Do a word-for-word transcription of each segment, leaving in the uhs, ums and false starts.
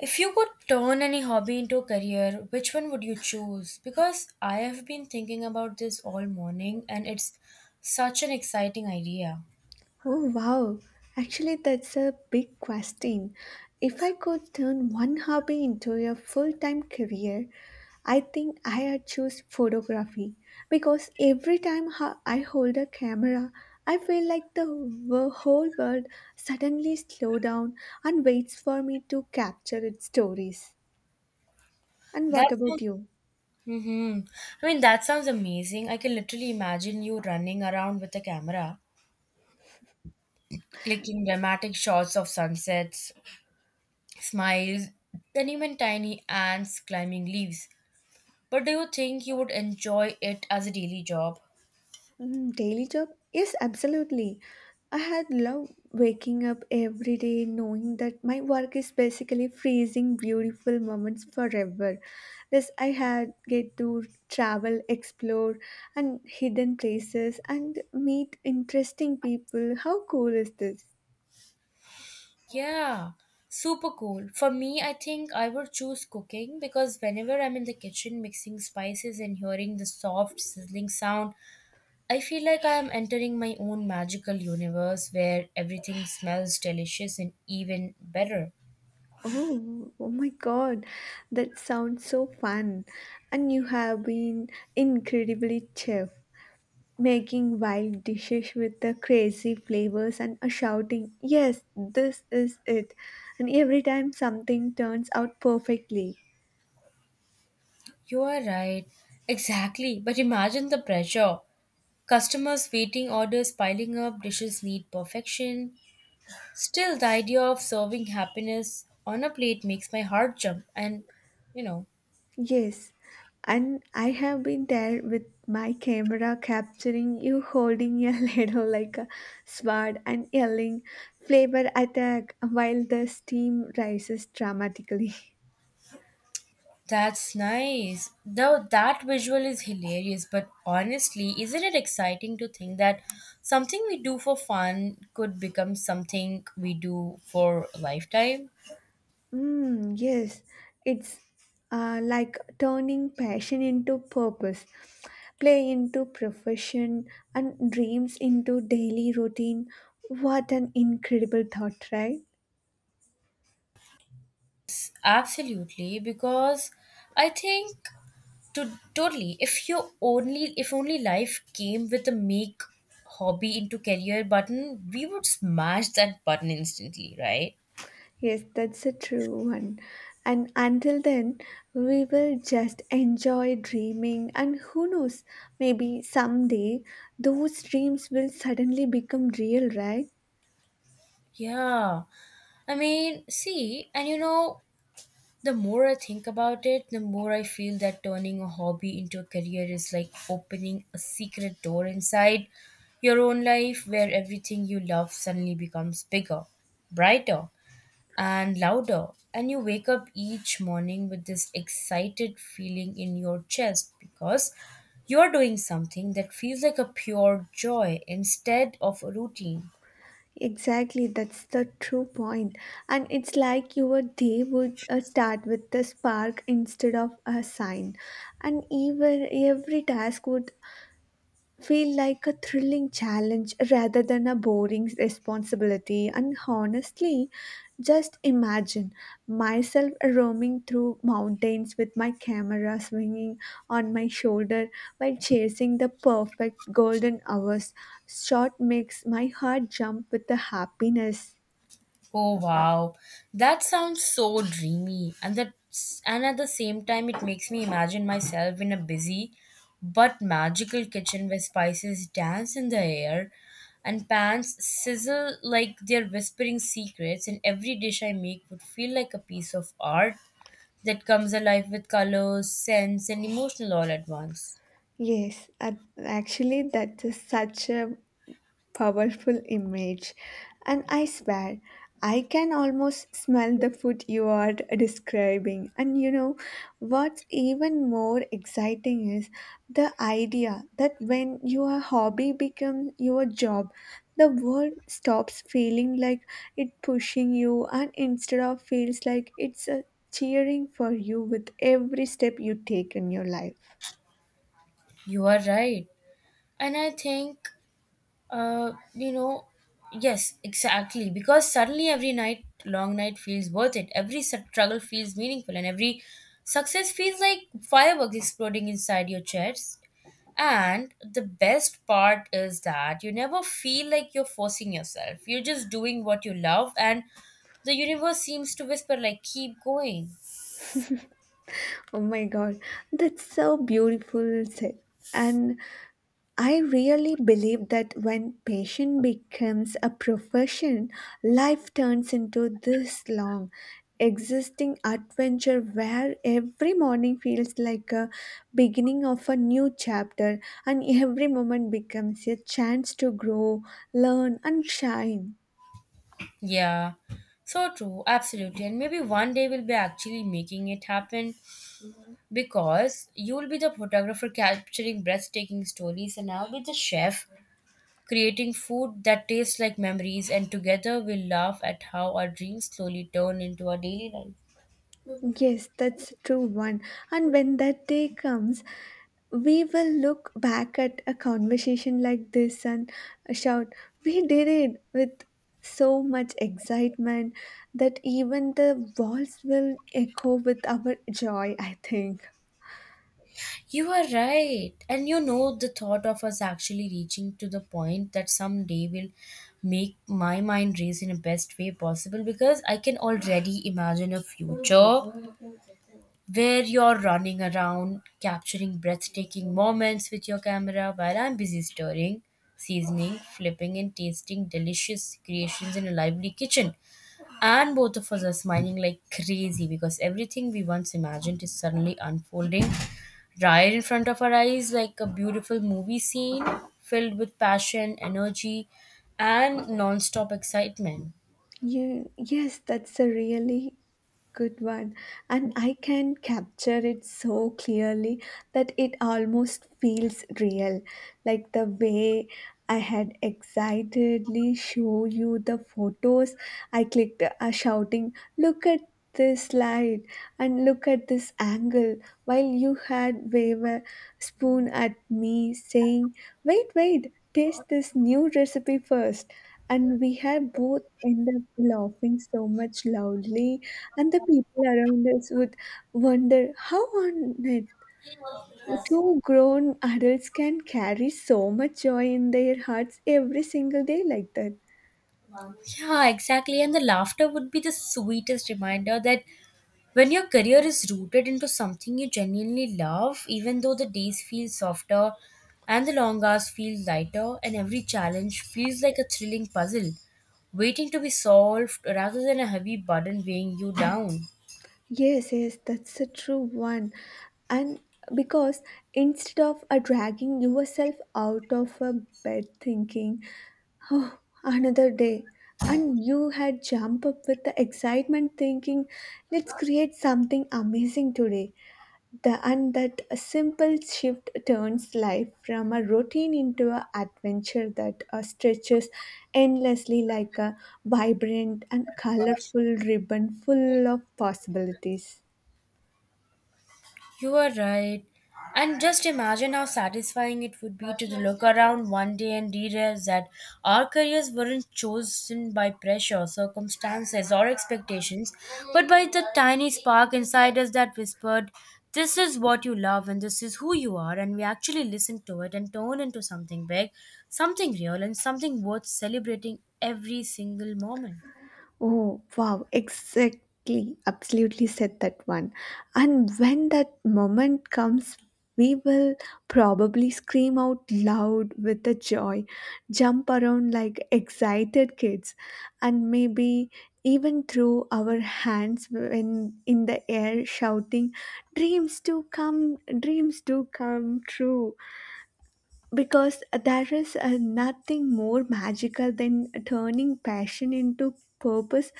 If you could turn any hobby into a career, which one would you choose? Because I have been thinking about this all morning and it's such an exciting idea. Oh wow, actually, that's a big question. If I could turn one hobby into a full time career, I think I would choose photography because every time ho- I hold a camera, I feel like the wo- whole world suddenly slow down and waits for me to capture its stories. And That what about sounds, you? hmm I mean, that sounds amazing. I can literally imagine you running around with a camera, clicking dramatic shots of sunsets, smiles, and even tiny ants climbing leaves. But do you think you would enjoy it as a daily job? Mm, daily job? Yes, absolutely. I had loved waking up every day knowing that my work is basically freezing beautiful moments forever. Thus, I had get to travel, explore, and hidden places and meet interesting people. How cool is this? Yeah, super cool. For me, I think I would choose cooking because whenever I'm in the kitchen mixing spices and hearing the soft sizzling sound, I feel like I am entering my own magical universe where everything smells delicious and even better. Oh, oh my God, that sounds so fun! And you have been incredibly chill. Making wild dishes with the crazy flavors and a shouting, yes, this is it. And every time something turns out perfectly. You are right. Exactly. But imagine the pressure. Customers waiting, orders piling up, dishes need perfection. Still, the idea of serving happiness on a plate makes my heart jump and, you know. Yes, and I have been there with my camera capturing you holding your ladle like a sword and yelling flavor attack while the steam rises dramatically. That's nice. Though that visual is hilarious, but honestly, isn't it exciting to think that something we do for fun could become something we do for a lifetime? Mm, yes, it's uh, like turning passion into purpose, play into profession, and dreams into daily routine. What an incredible thought, right? Absolutely, because I think to totally if you only if only life came with a make hobby into career button, we would smash that button instantly, right? Yes, that's a true one. And until then, we will just enjoy dreaming, and who knows, maybe someday those dreams will suddenly become real, right? Yeah. I mean, see, and you know, the more I think about it, the more I feel that turning a hobby into a career is like opening a secret door inside your own life where everything you love suddenly becomes bigger, brighter, and louder. And you wake up each morning with this excited feeling in your chest because you're doing something that feels like a pure joy instead of a routine. Exactly, that's the true point. And it's like your day would uh, start with the spark instead of a sign. And even every task would feel like a thrilling challenge rather than a boring responsibility. And honestly, just imagine myself roaming through mountains with my camera swinging on my shoulder while chasing the perfect golden hours. Shot makes my heart jump with the happiness. Oh wow, that sounds so dreamy, and that and at the same time, it makes me imagine myself in a busy but magical kitchen where spices dance in the air and pans sizzle like they're whispering secrets, and every dish I make would feel like a piece of art that comes alive with colors, scents, and emotional all at once. Yes, ac- actually, that is such a powerful image. And I swear, I can almost smell the food you are describing. And you know, what's even more exciting is the idea that when your hobby becomes your job, the world stops feeling like it pushing you and instead of feels like it's uh, cheering for you with every step you take in your life. You are right. And I think Uh, you know, yes, exactly. Because suddenly every night, long night feels worth it. Every struggle feels meaningful, and every success feels like fireworks exploding inside your chest. And the best part is that you never feel like you're forcing yourself. You're just doing what you love, and the universe seems to whisper, like, keep going. Oh my god, that's so beautiful said. And I really believe that when passion becomes a profession, life turns into this long, existing adventure where every morning feels like a beginning of a new chapter and every moment becomes a chance to grow, learn, and shine. Yeah, so true, absolutely. And maybe one day we'll be actually making it happen because you'll be the photographer capturing breathtaking stories and I'll be the chef creating food that tastes like memories and together we'll laugh at how our dreams slowly turn into our daily life. Yes, that's a true one. And when that day comes, we will look back at a conversation like this and shout, we did it with so much excitement that even the walls will echo with our joy, I think. You are right. And you know the thought of us actually reaching to the point that someday will make my mind race in the best way possible because I can already imagine a future where you're running around capturing breathtaking moments with your camera while I'm busy stirring, seasoning, flipping, and tasting delicious creations in a lively kitchen. And both of us are smiling like crazy because everything we once imagined is suddenly unfolding right in front of our eyes like a beautiful movie scene filled with passion, energy, and non stop excitement. Ye- yes, that's a really good one. And I can capture it so clearly that it almost feels real. Like the way I had excitedly show you the photos, I clicked uh, shouting, look at this light and look at this angle while you had wave a spoon at me saying wait wait taste this new recipe first. And we had both end up laughing so much loudly, and the people around us would wonder how on earth two grown adults can carry so much joy in their hearts every single day like that. Yeah, exactly. And the laughter would be the sweetest reminder that when your career is rooted into something you genuinely love, even though the days feel softer and the long hours feel lighter, and every challenge feels like a thrilling puzzle waiting to be solved rather than a heavy burden weighing you down. Yes, yes, that's a true one. And because instead of uh, dragging yourself out of a bed thinking, oh, another day, and you had jump up with the excitement thinking, let's create something amazing today. The, and that a simple shift turns life from a routine into an adventure that uh, stretches endlessly like a vibrant and colorful ribbon full of possibilities. You are right. And just imagine how satisfying it would be to look around one day and realize that our careers weren't chosen by pressure, circumstances, or expectations, but by the tiny spark inside us that whispered, this is what you love and this is who you are. And we actually listened to it and turned into something big, something real, and something worth celebrating every single moment. Oh, wow, exactly. Absolutely said that one. And when that moment comes, we will probably scream out loud with the joy, jump around like excited kids, and maybe even throw our hands when in the air shouting dreams do come dreams do come true because there is uh, nothing more magical than turning passion into purpose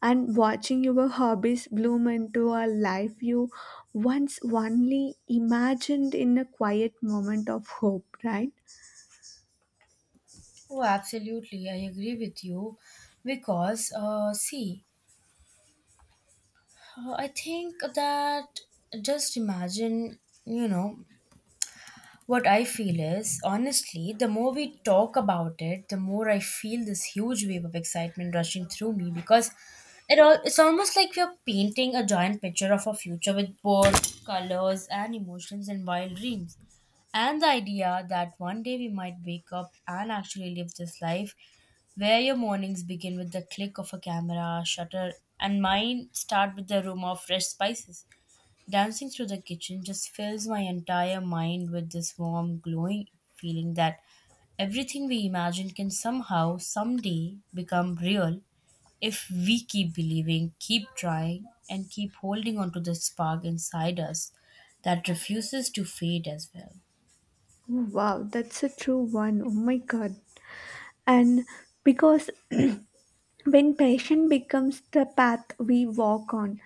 and watching your hobbies bloom into a life you once only imagined in a quiet moment of hope, right? Oh, absolutely. I agree with you. Because, uh, see, Uh, I think that just imagine, you know, what I feel is honestly, the more we talk about it, the more I feel this huge wave of excitement rushing through me because it all it's almost like we're painting a giant picture of our future with bold colors and emotions and wild dreams. And the idea that one day we might wake up and actually live this life where your mornings begin with the click of a camera shutter, and mine start with the aroma of fresh spices. Dancing through the kitchen just fills my entire mind with this warm, glowing feeling that everything we imagine can somehow, someday, become real if we keep believing, keep trying, and keep holding on to the spark inside us that refuses to fade as well. Wow, that's a true one. Oh my god, and because when passion becomes the path we walk on,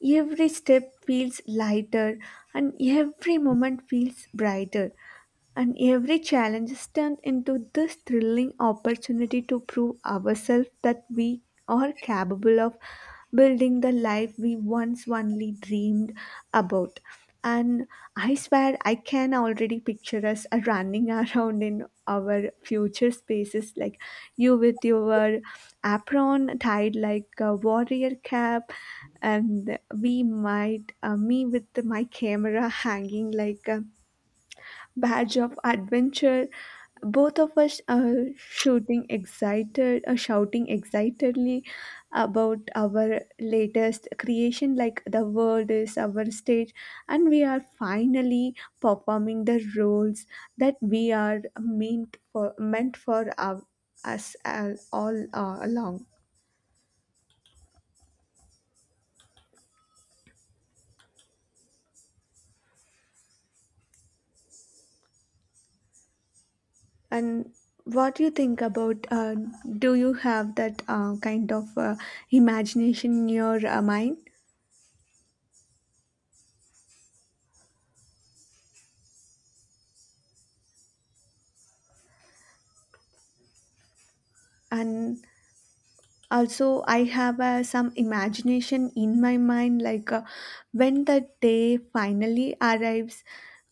every step feels lighter and every moment feels brighter. And every challenge is turned into this thrilling opportunity to prove ourselves that we are capable of building the life we once only dreamed about. And I swear I can already picture us running around in our future spaces, like you with your apron tied like a warrior cap and we might uh, me with my camera hanging like a badge of adventure, both of us uh, shooting excited uh, shouting excitedly about our latest creation like the world is our stage and we are finally performing the roles that we are meant for meant for our, us uh, all uh, along. And what do you think about? Uh, do you have that uh, kind of uh, imagination in your uh, mind? And also I have uh, some imagination in my mind like uh, when the day finally arrives,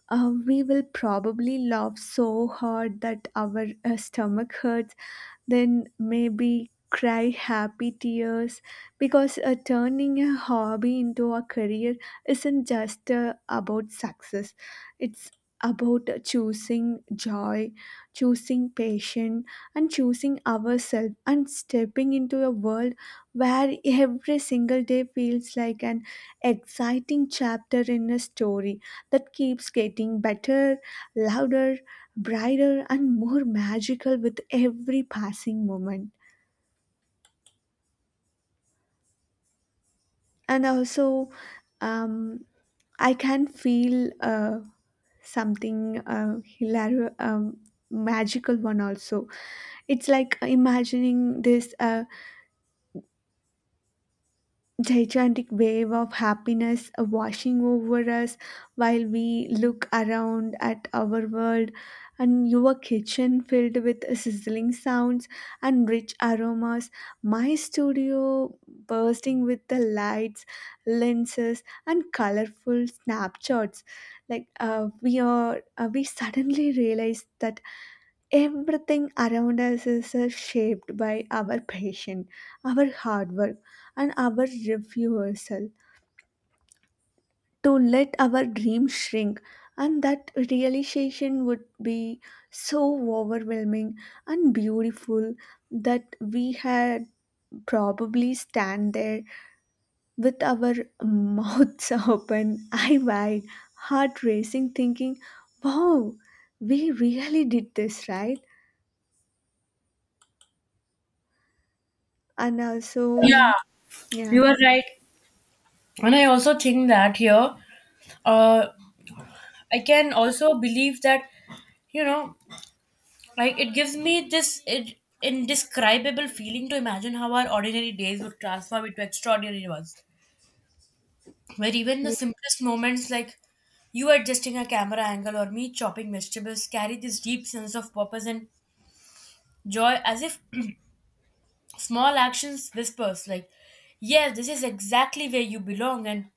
uh, we will probably laugh so hard that our uh, stomach hurts, then maybe cry happy tears because uh, turning a hobby into a career isn't just uh, about success, it's about choosing joy, choosing passion, and choosing ourselves and stepping into a world where every single day feels like an exciting chapter in a story that keeps getting better, louder, brighter, and more magical with every passing moment. And also, um, I can feel uh, something uh, hilarious. Um, magical one also, it's like imagining this uh, gigantic wave of happiness washing over us while we look around at our world, and your kitchen filled with sizzling sounds and rich aromas, my studio bursting with the lights, lenses and colorful snapshots, like uh, we are uh, we suddenly realize that everything around us is uh, shaped by our passion, our hard work, and our refusal to let our dreams shrink. And that realization would be so overwhelming and beautiful that we had probably stand there with our mouths open, eye wide, heart racing, thinking, wow, we really did this, right? And also, Yeah, yeah. you are right. And I also think that here, uh, I can also believe that, you know, like it gives me this it, indescribable feeling to imagine how our ordinary days would transform into extraordinary ones, where even the Y- simplest moments, like you adjusting a camera angle or me chopping vegetables, carry this deep sense of purpose and joy as if small actions whispers, like, yes, this is exactly where you belong. And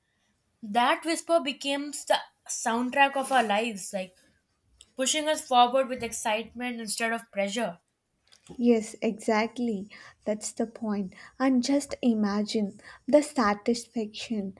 that whisper becomes the soundtrack of our lives, like pushing us forward with excitement instead of pressure. Yes, exactly. That's the point. And just imagine the satisfaction.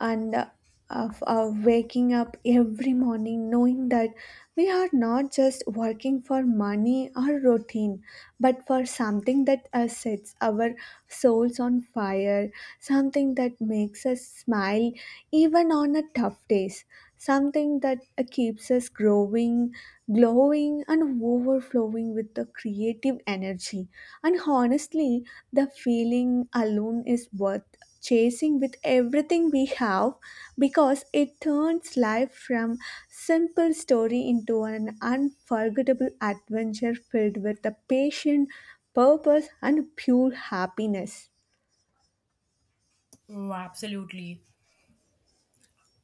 And uh, of uh, waking up every morning knowing that we are not just working for money or routine but for something that uh, sets our souls on fire, something that makes us smile even on a tough days, something that uh, keeps us growing, glowing and overflowing with the creative energy. And honestly, the feeling alone is worth chasing with everything we have because it turns life from simple story into an unforgettable adventure filled with the passion, purpose and pure happiness. Oh, absolutely.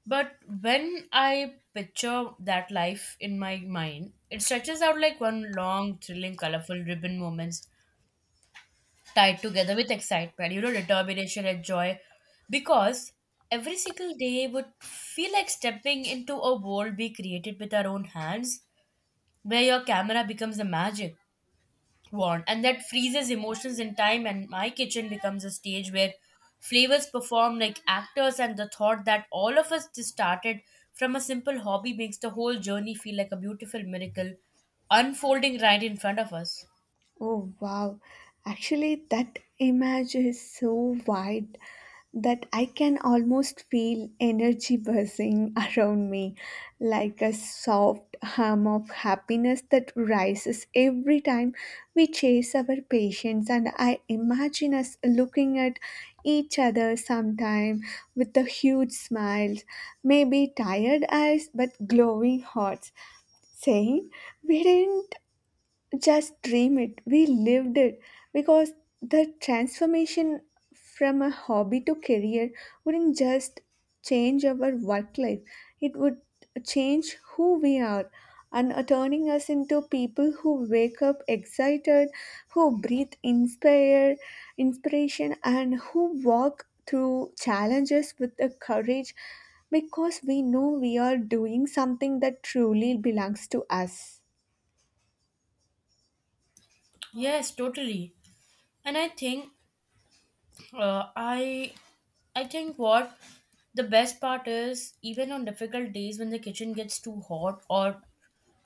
But when I picture that life in my mind, it stretches out like one long, thrilling, colorful ribbon moments tied together with excitement, you know, determination and joy. Because every single day would feel like stepping into a world we created with our own hands, where your camera becomes the magic want and that freezes emotions in time and my kitchen becomes a stage where flavors perform like actors and the thought that all of us just started from a simple hobby makes the whole journey feel like a beautiful miracle unfolding right in front of us. Oh wow, actually, that image is so wide that I can almost feel energy buzzing around me like a soft hum of happiness that rises every time we chase our patients. And I imagine us looking at each other sometime with a huge smile, maybe tired eyes but glowing hearts, saying, we didn't just dream it, we lived it, because the transformation from a hobby to career wouldn't just change our work life, it would change who we are and uh, turning us into people who wake up excited, who breathe inspire inspiration and who walk through challenges with the courage because we know we are doing something that truly belongs to us. Yes, totally. And i think uh, i i think what the best part is, even on difficult days when the kitchen gets too hot or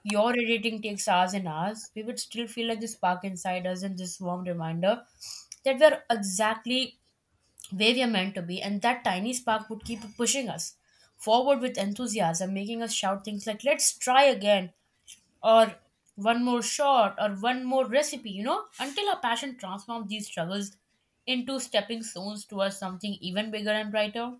your editing takes hours and hours. We would still feel like this spark inside us and this warm reminder that we're exactly where we are meant to be, and that tiny spark would keep pushing us forward with enthusiasm, making us shout things like, let's try again, or one more shot, or one more recipe, you know, until our passion transforms these struggles into stepping stones towards something even bigger and brighter.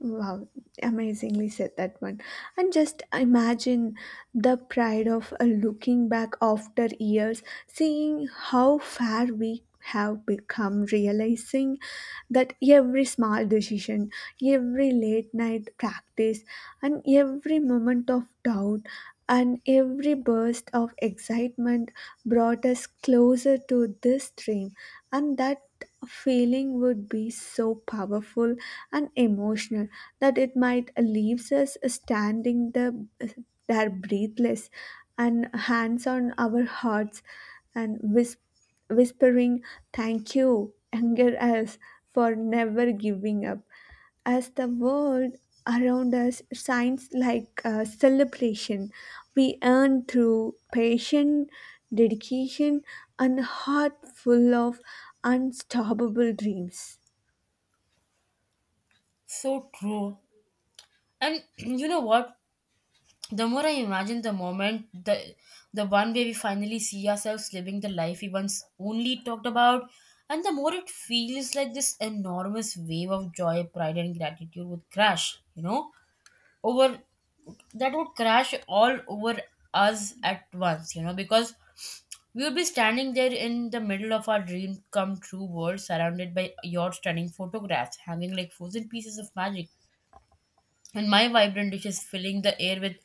Wow, amazingly said that one. And just imagine the pride of uh, looking back after years, seeing how far we have become, realizing that every small decision, every late night practice, and every moment of doubt and every burst of excitement brought us closer to this dream. And that feeling would be so powerful and emotional that it might leaves us standing the, there breathless and hands on our hearts and whis- whispering thank you anger us for never giving up as the world around us shines like a celebration we earn through patience, dedication and heart full of unstoppable dreams. So true. And you know what? The more I imagine the moment, the the one where we finally see ourselves living the life we once only talked about, and the more it feels like this enormous wave of joy, pride, and gratitude would crash, you know, over that would crash all over us at once, you know, because we would be standing there in the middle of our dream come true world, surrounded by your stunning photographs, hanging like frozen pieces of magic and my vibrant dishes filling the air with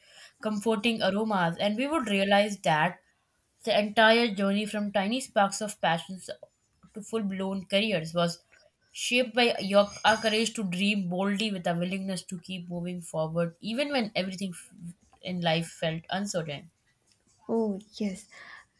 comforting aromas, and we would realize that the entire journey from tiny sparks of passions to full blown careers was shaped by your, our courage to dream boldly with a willingness to keep moving forward, even when everything f- in life felt uncertain. Oh, yes.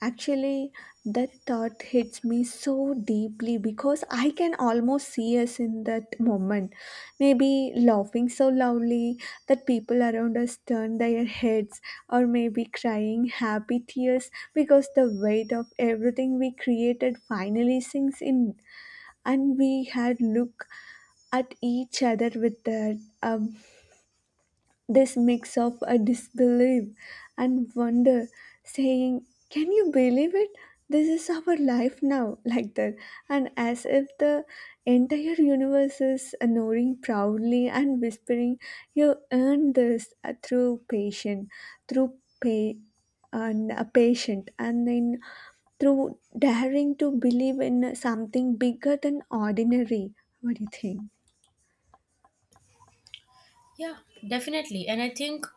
Actually, that thought hits me so deeply because I can almost see us in that moment. Maybe laughing so loudly that people around us turn their heads, or maybe crying happy tears because the weight of everything we created finally sinks in, and we had look at each other with that um. this mix of a disbelief and wonder, saying, can you believe it? This is our life now, like that, and as if the entire universe is knowing proudly and whispering, you earned this uh, through patient, through pay, and a patient, and then through daring to believe in something bigger than ordinary. What do you think? Yeah, definitely. And I think.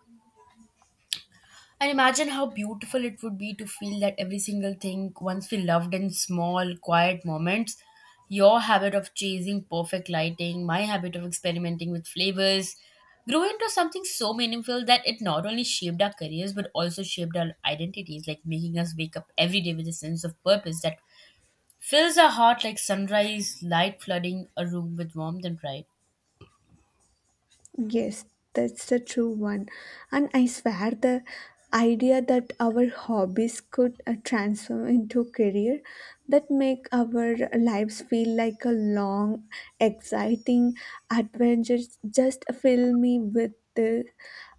And imagine how beautiful it would be to feel that every single thing once we loved in small, quiet moments. Your habit of chasing perfect lighting, my habit of experimenting with flavors, grew into something so meaningful that it not only shaped our careers but also shaped our identities, like making us wake up every day with a sense of purpose that fills our heart like sunrise light flooding a room with warmth and pride. Yes, that's the true one. And I swear the idea that our hobbies could uh, transform into career that make our lives feel like a long, exciting adventure just fill me with the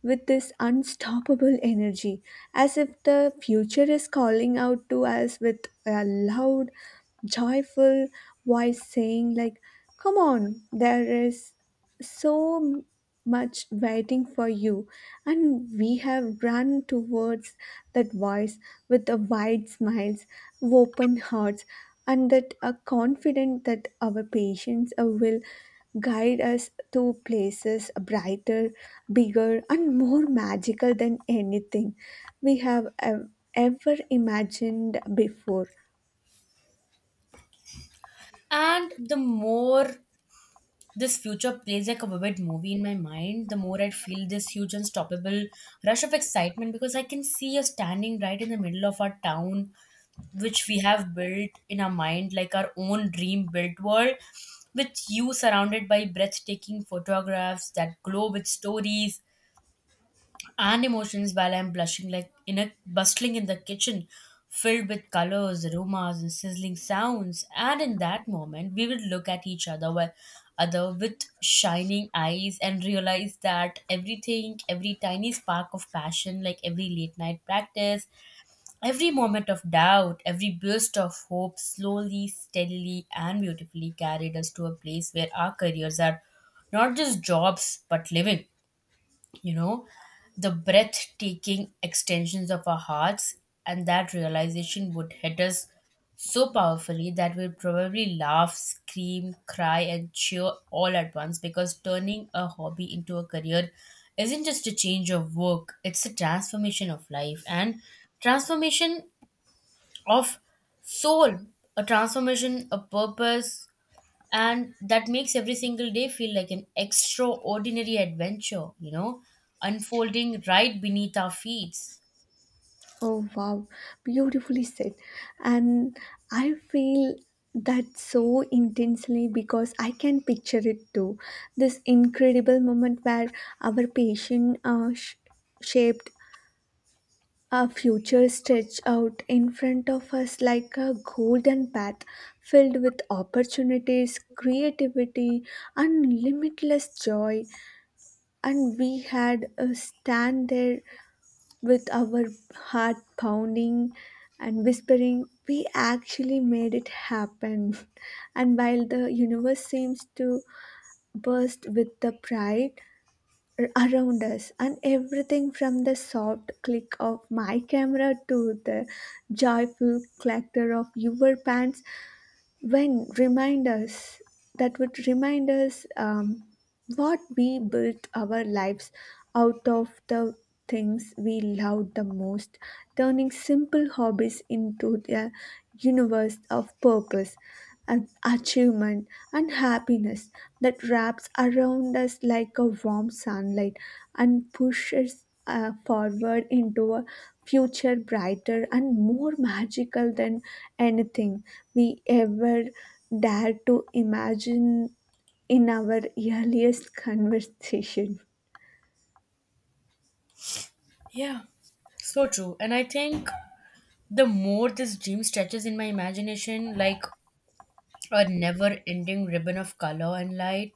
with this unstoppable energy as if the future is calling out to us with a loud joyful voice saying like, come on, there is so much waiting for you, and we have run towards that voice with the wide smiles, open hearts, and that are confident that our patience uh, will guide us to places brighter, bigger, and more magical than anything we have ev- ever imagined before. And the more this future plays like a vivid movie in my mind, the more I feel this huge unstoppable rush of excitement because I can see us standing right in the middle of our town, which we have built in our mind like our own dream built world, with you surrounded by breathtaking photographs that glow with stories and emotions while I'm blushing like in a bustling in the kitchen filled with colors, aromas and sizzling sounds. And in that moment we would look at each other while other with shining eyes and realize that everything, every tiny spark of passion, like every late night practice, every moment of doubt, every burst of hope slowly, steadily and beautifully carried us to a place where our careers are not just jobs but living, you know, the breathtaking extensions of our hearts, and that realization would hit us so powerfully that we'll probably laugh, scream, cry, and cheer all at once because turning a hobby into a career isn't just a change of work, it's a transformation of life and transformation of soul, a transformation, a purpose, and that makes every single day feel like an extraordinary adventure, you know unfolding right beneath our feet. Oh wow, beautifully said. And I feel that so intensely because I can picture it too. This incredible moment where our patient uh, sh- shaped a future stretched out in front of us like a golden path filled with opportunities, creativity, and limitless joy. And we had uh, stand there with our heart pounding and whispering, we actually made it happen. And while the universe seems to burst with the pride ar- around us, and everything from the soft click of my camera to the joyful clatter of your pants when remind us that would remind us. Um, what we built our lives out of the things we loved the most, turning simple hobbies into their universe of purpose, and achievement, and happiness that wraps around us like a warm sunlight and pushes uh, forward into a future brighter and more magical than anything we ever dared to imagine in our earliest conversation. Yeah, so true. And I think the more this dream stretches in my imagination, like a never ending ribbon of color and light,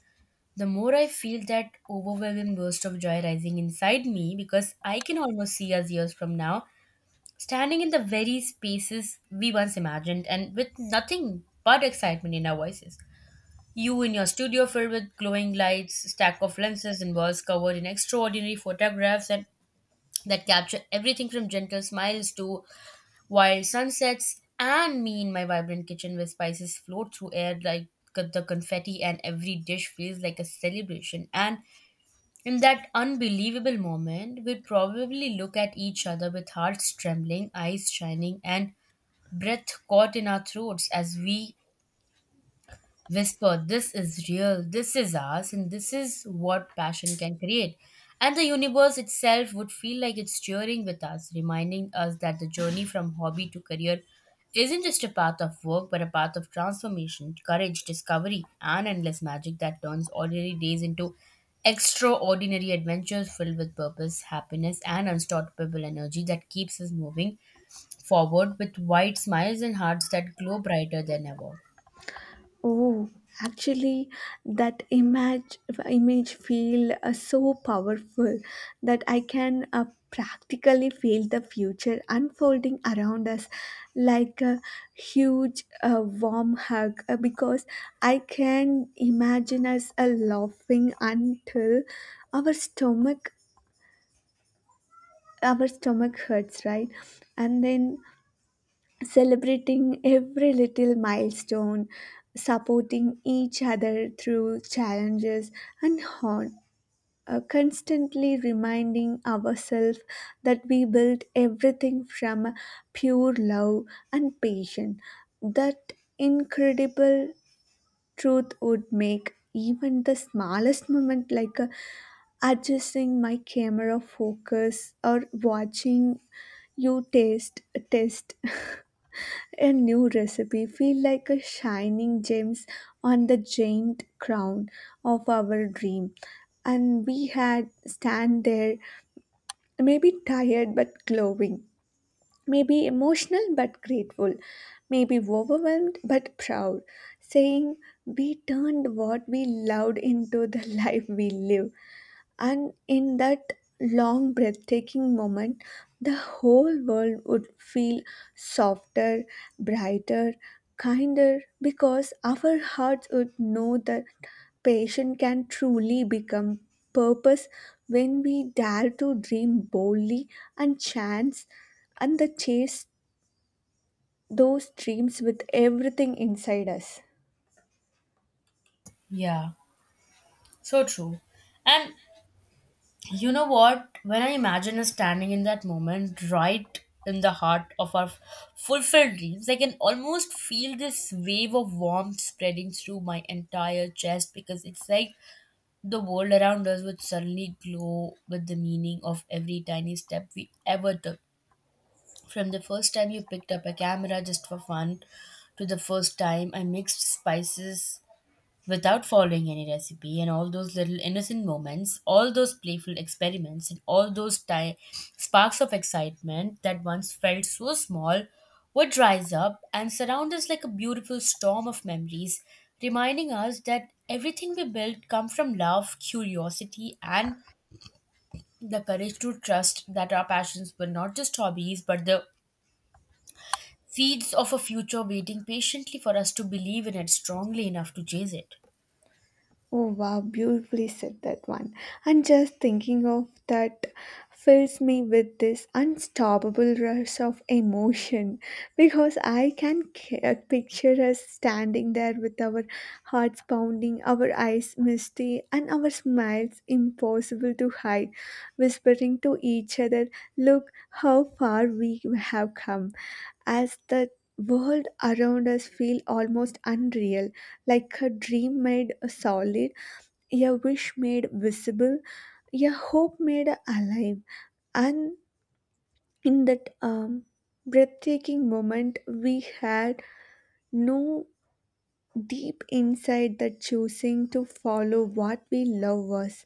the more I feel that overwhelming burst of joy rising inside me because I can almost see us years from now standing in the very spaces we once imagined and with nothing but excitement in our voices. You in your studio filled with glowing lights, stack of lenses and walls covered in extraordinary photographs and that capture everything from gentle smiles to wild sunsets, and me in my vibrant kitchen where spices float through air like the confetti and every dish feels like a celebration. And in that unbelievable moment, we probably look at each other with hearts trembling, eyes shining, and breath caught in our throats as we whisper, this is real, this is ours, and this is what passion can create. And the universe itself would feel like it's cheering with us, reminding us that the journey from hobby to career isn't just a path of work, but a path of transformation, courage, discovery, and endless magic that turns ordinary days into extraordinary adventures filled with purpose, happiness, and unstoppable energy that keeps us moving forward with wide smiles and hearts that glow brighter than ever. Oh, actually, that image image feel uh, so powerful that I can uh, practically feel the future unfolding around us like a huge uh, warm hug uh, because I can imagine us uh, laughing until our stomach our stomach hurts, right? And then celebrating every little milestone, supporting each other through challenges, and on, uh, constantly reminding ourselves that we built everything from pure love and passion. That incredible truth would make even the smallest moment like a adjusting my camera focus or watching you taste test a new recipe feel like a shining gems on the giant crown of our dream. And we had stand there, maybe tired but glowing, maybe emotional but grateful, maybe overwhelmed but proud, saying we turned what we loved into the life we live. And in that long, breathtaking moment, the whole world would feel softer, brighter, kinder because our hearts would know that passion can truly become purpose when we dare to dream boldly and chance and the chase those dreams with everything inside us. Yeah. So true. And you know what? When I imagine us standing in that moment, right in the heart of our fulfilled dreams, I can almost feel this wave of warmth spreading through my entire chest because it's like the world around us would suddenly glow with the meaning of every tiny step we ever took. From the first time you picked up a camera just for fun to the first time I mixed spices without following any recipe and all those little innocent moments, all those playful experiments and all those ti- sparks of excitement that once felt so small would rise up and surround us like a beautiful storm of memories reminding us that everything we built come from love, curiosity and the courage to trust that our passions were not just hobbies but the seeds of a future waiting patiently for us to believe in it strongly enough to chase it. Oh wow, beautifully said that one. And just thinking of that fills me with this unstoppable rush of emotion because I can c- uh, picture us standing there with our hearts pounding, our eyes misty, and our smiles impossible to hide, whispering to each other, look how far we have come, as the world around us feel almost unreal like her dream made solid, a wish made visible, a hope made alive. And in that um, breathtaking moment, we had no deep insight that choosing to follow what we love was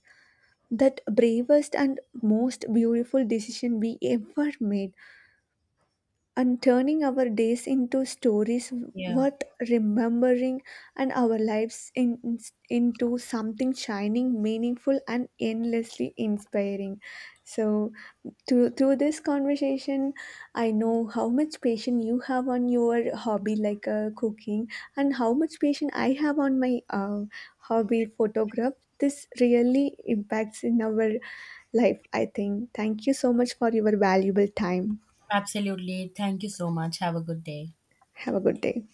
that bravest and most beautiful decision we ever made, and turning our days into stories Yeah. worth remembering and our lives in, in- into something shining, meaningful, and endlessly inspiring. So, through, through this conversation, I know how much patience you have on your hobby, like uh, cooking, and how much patience I have on my uh, hobby, photograph. This really impacts in our life, I think. Thank you so much for your valuable time. Absolutely. Thank you so much. Have a good day. Have a good day.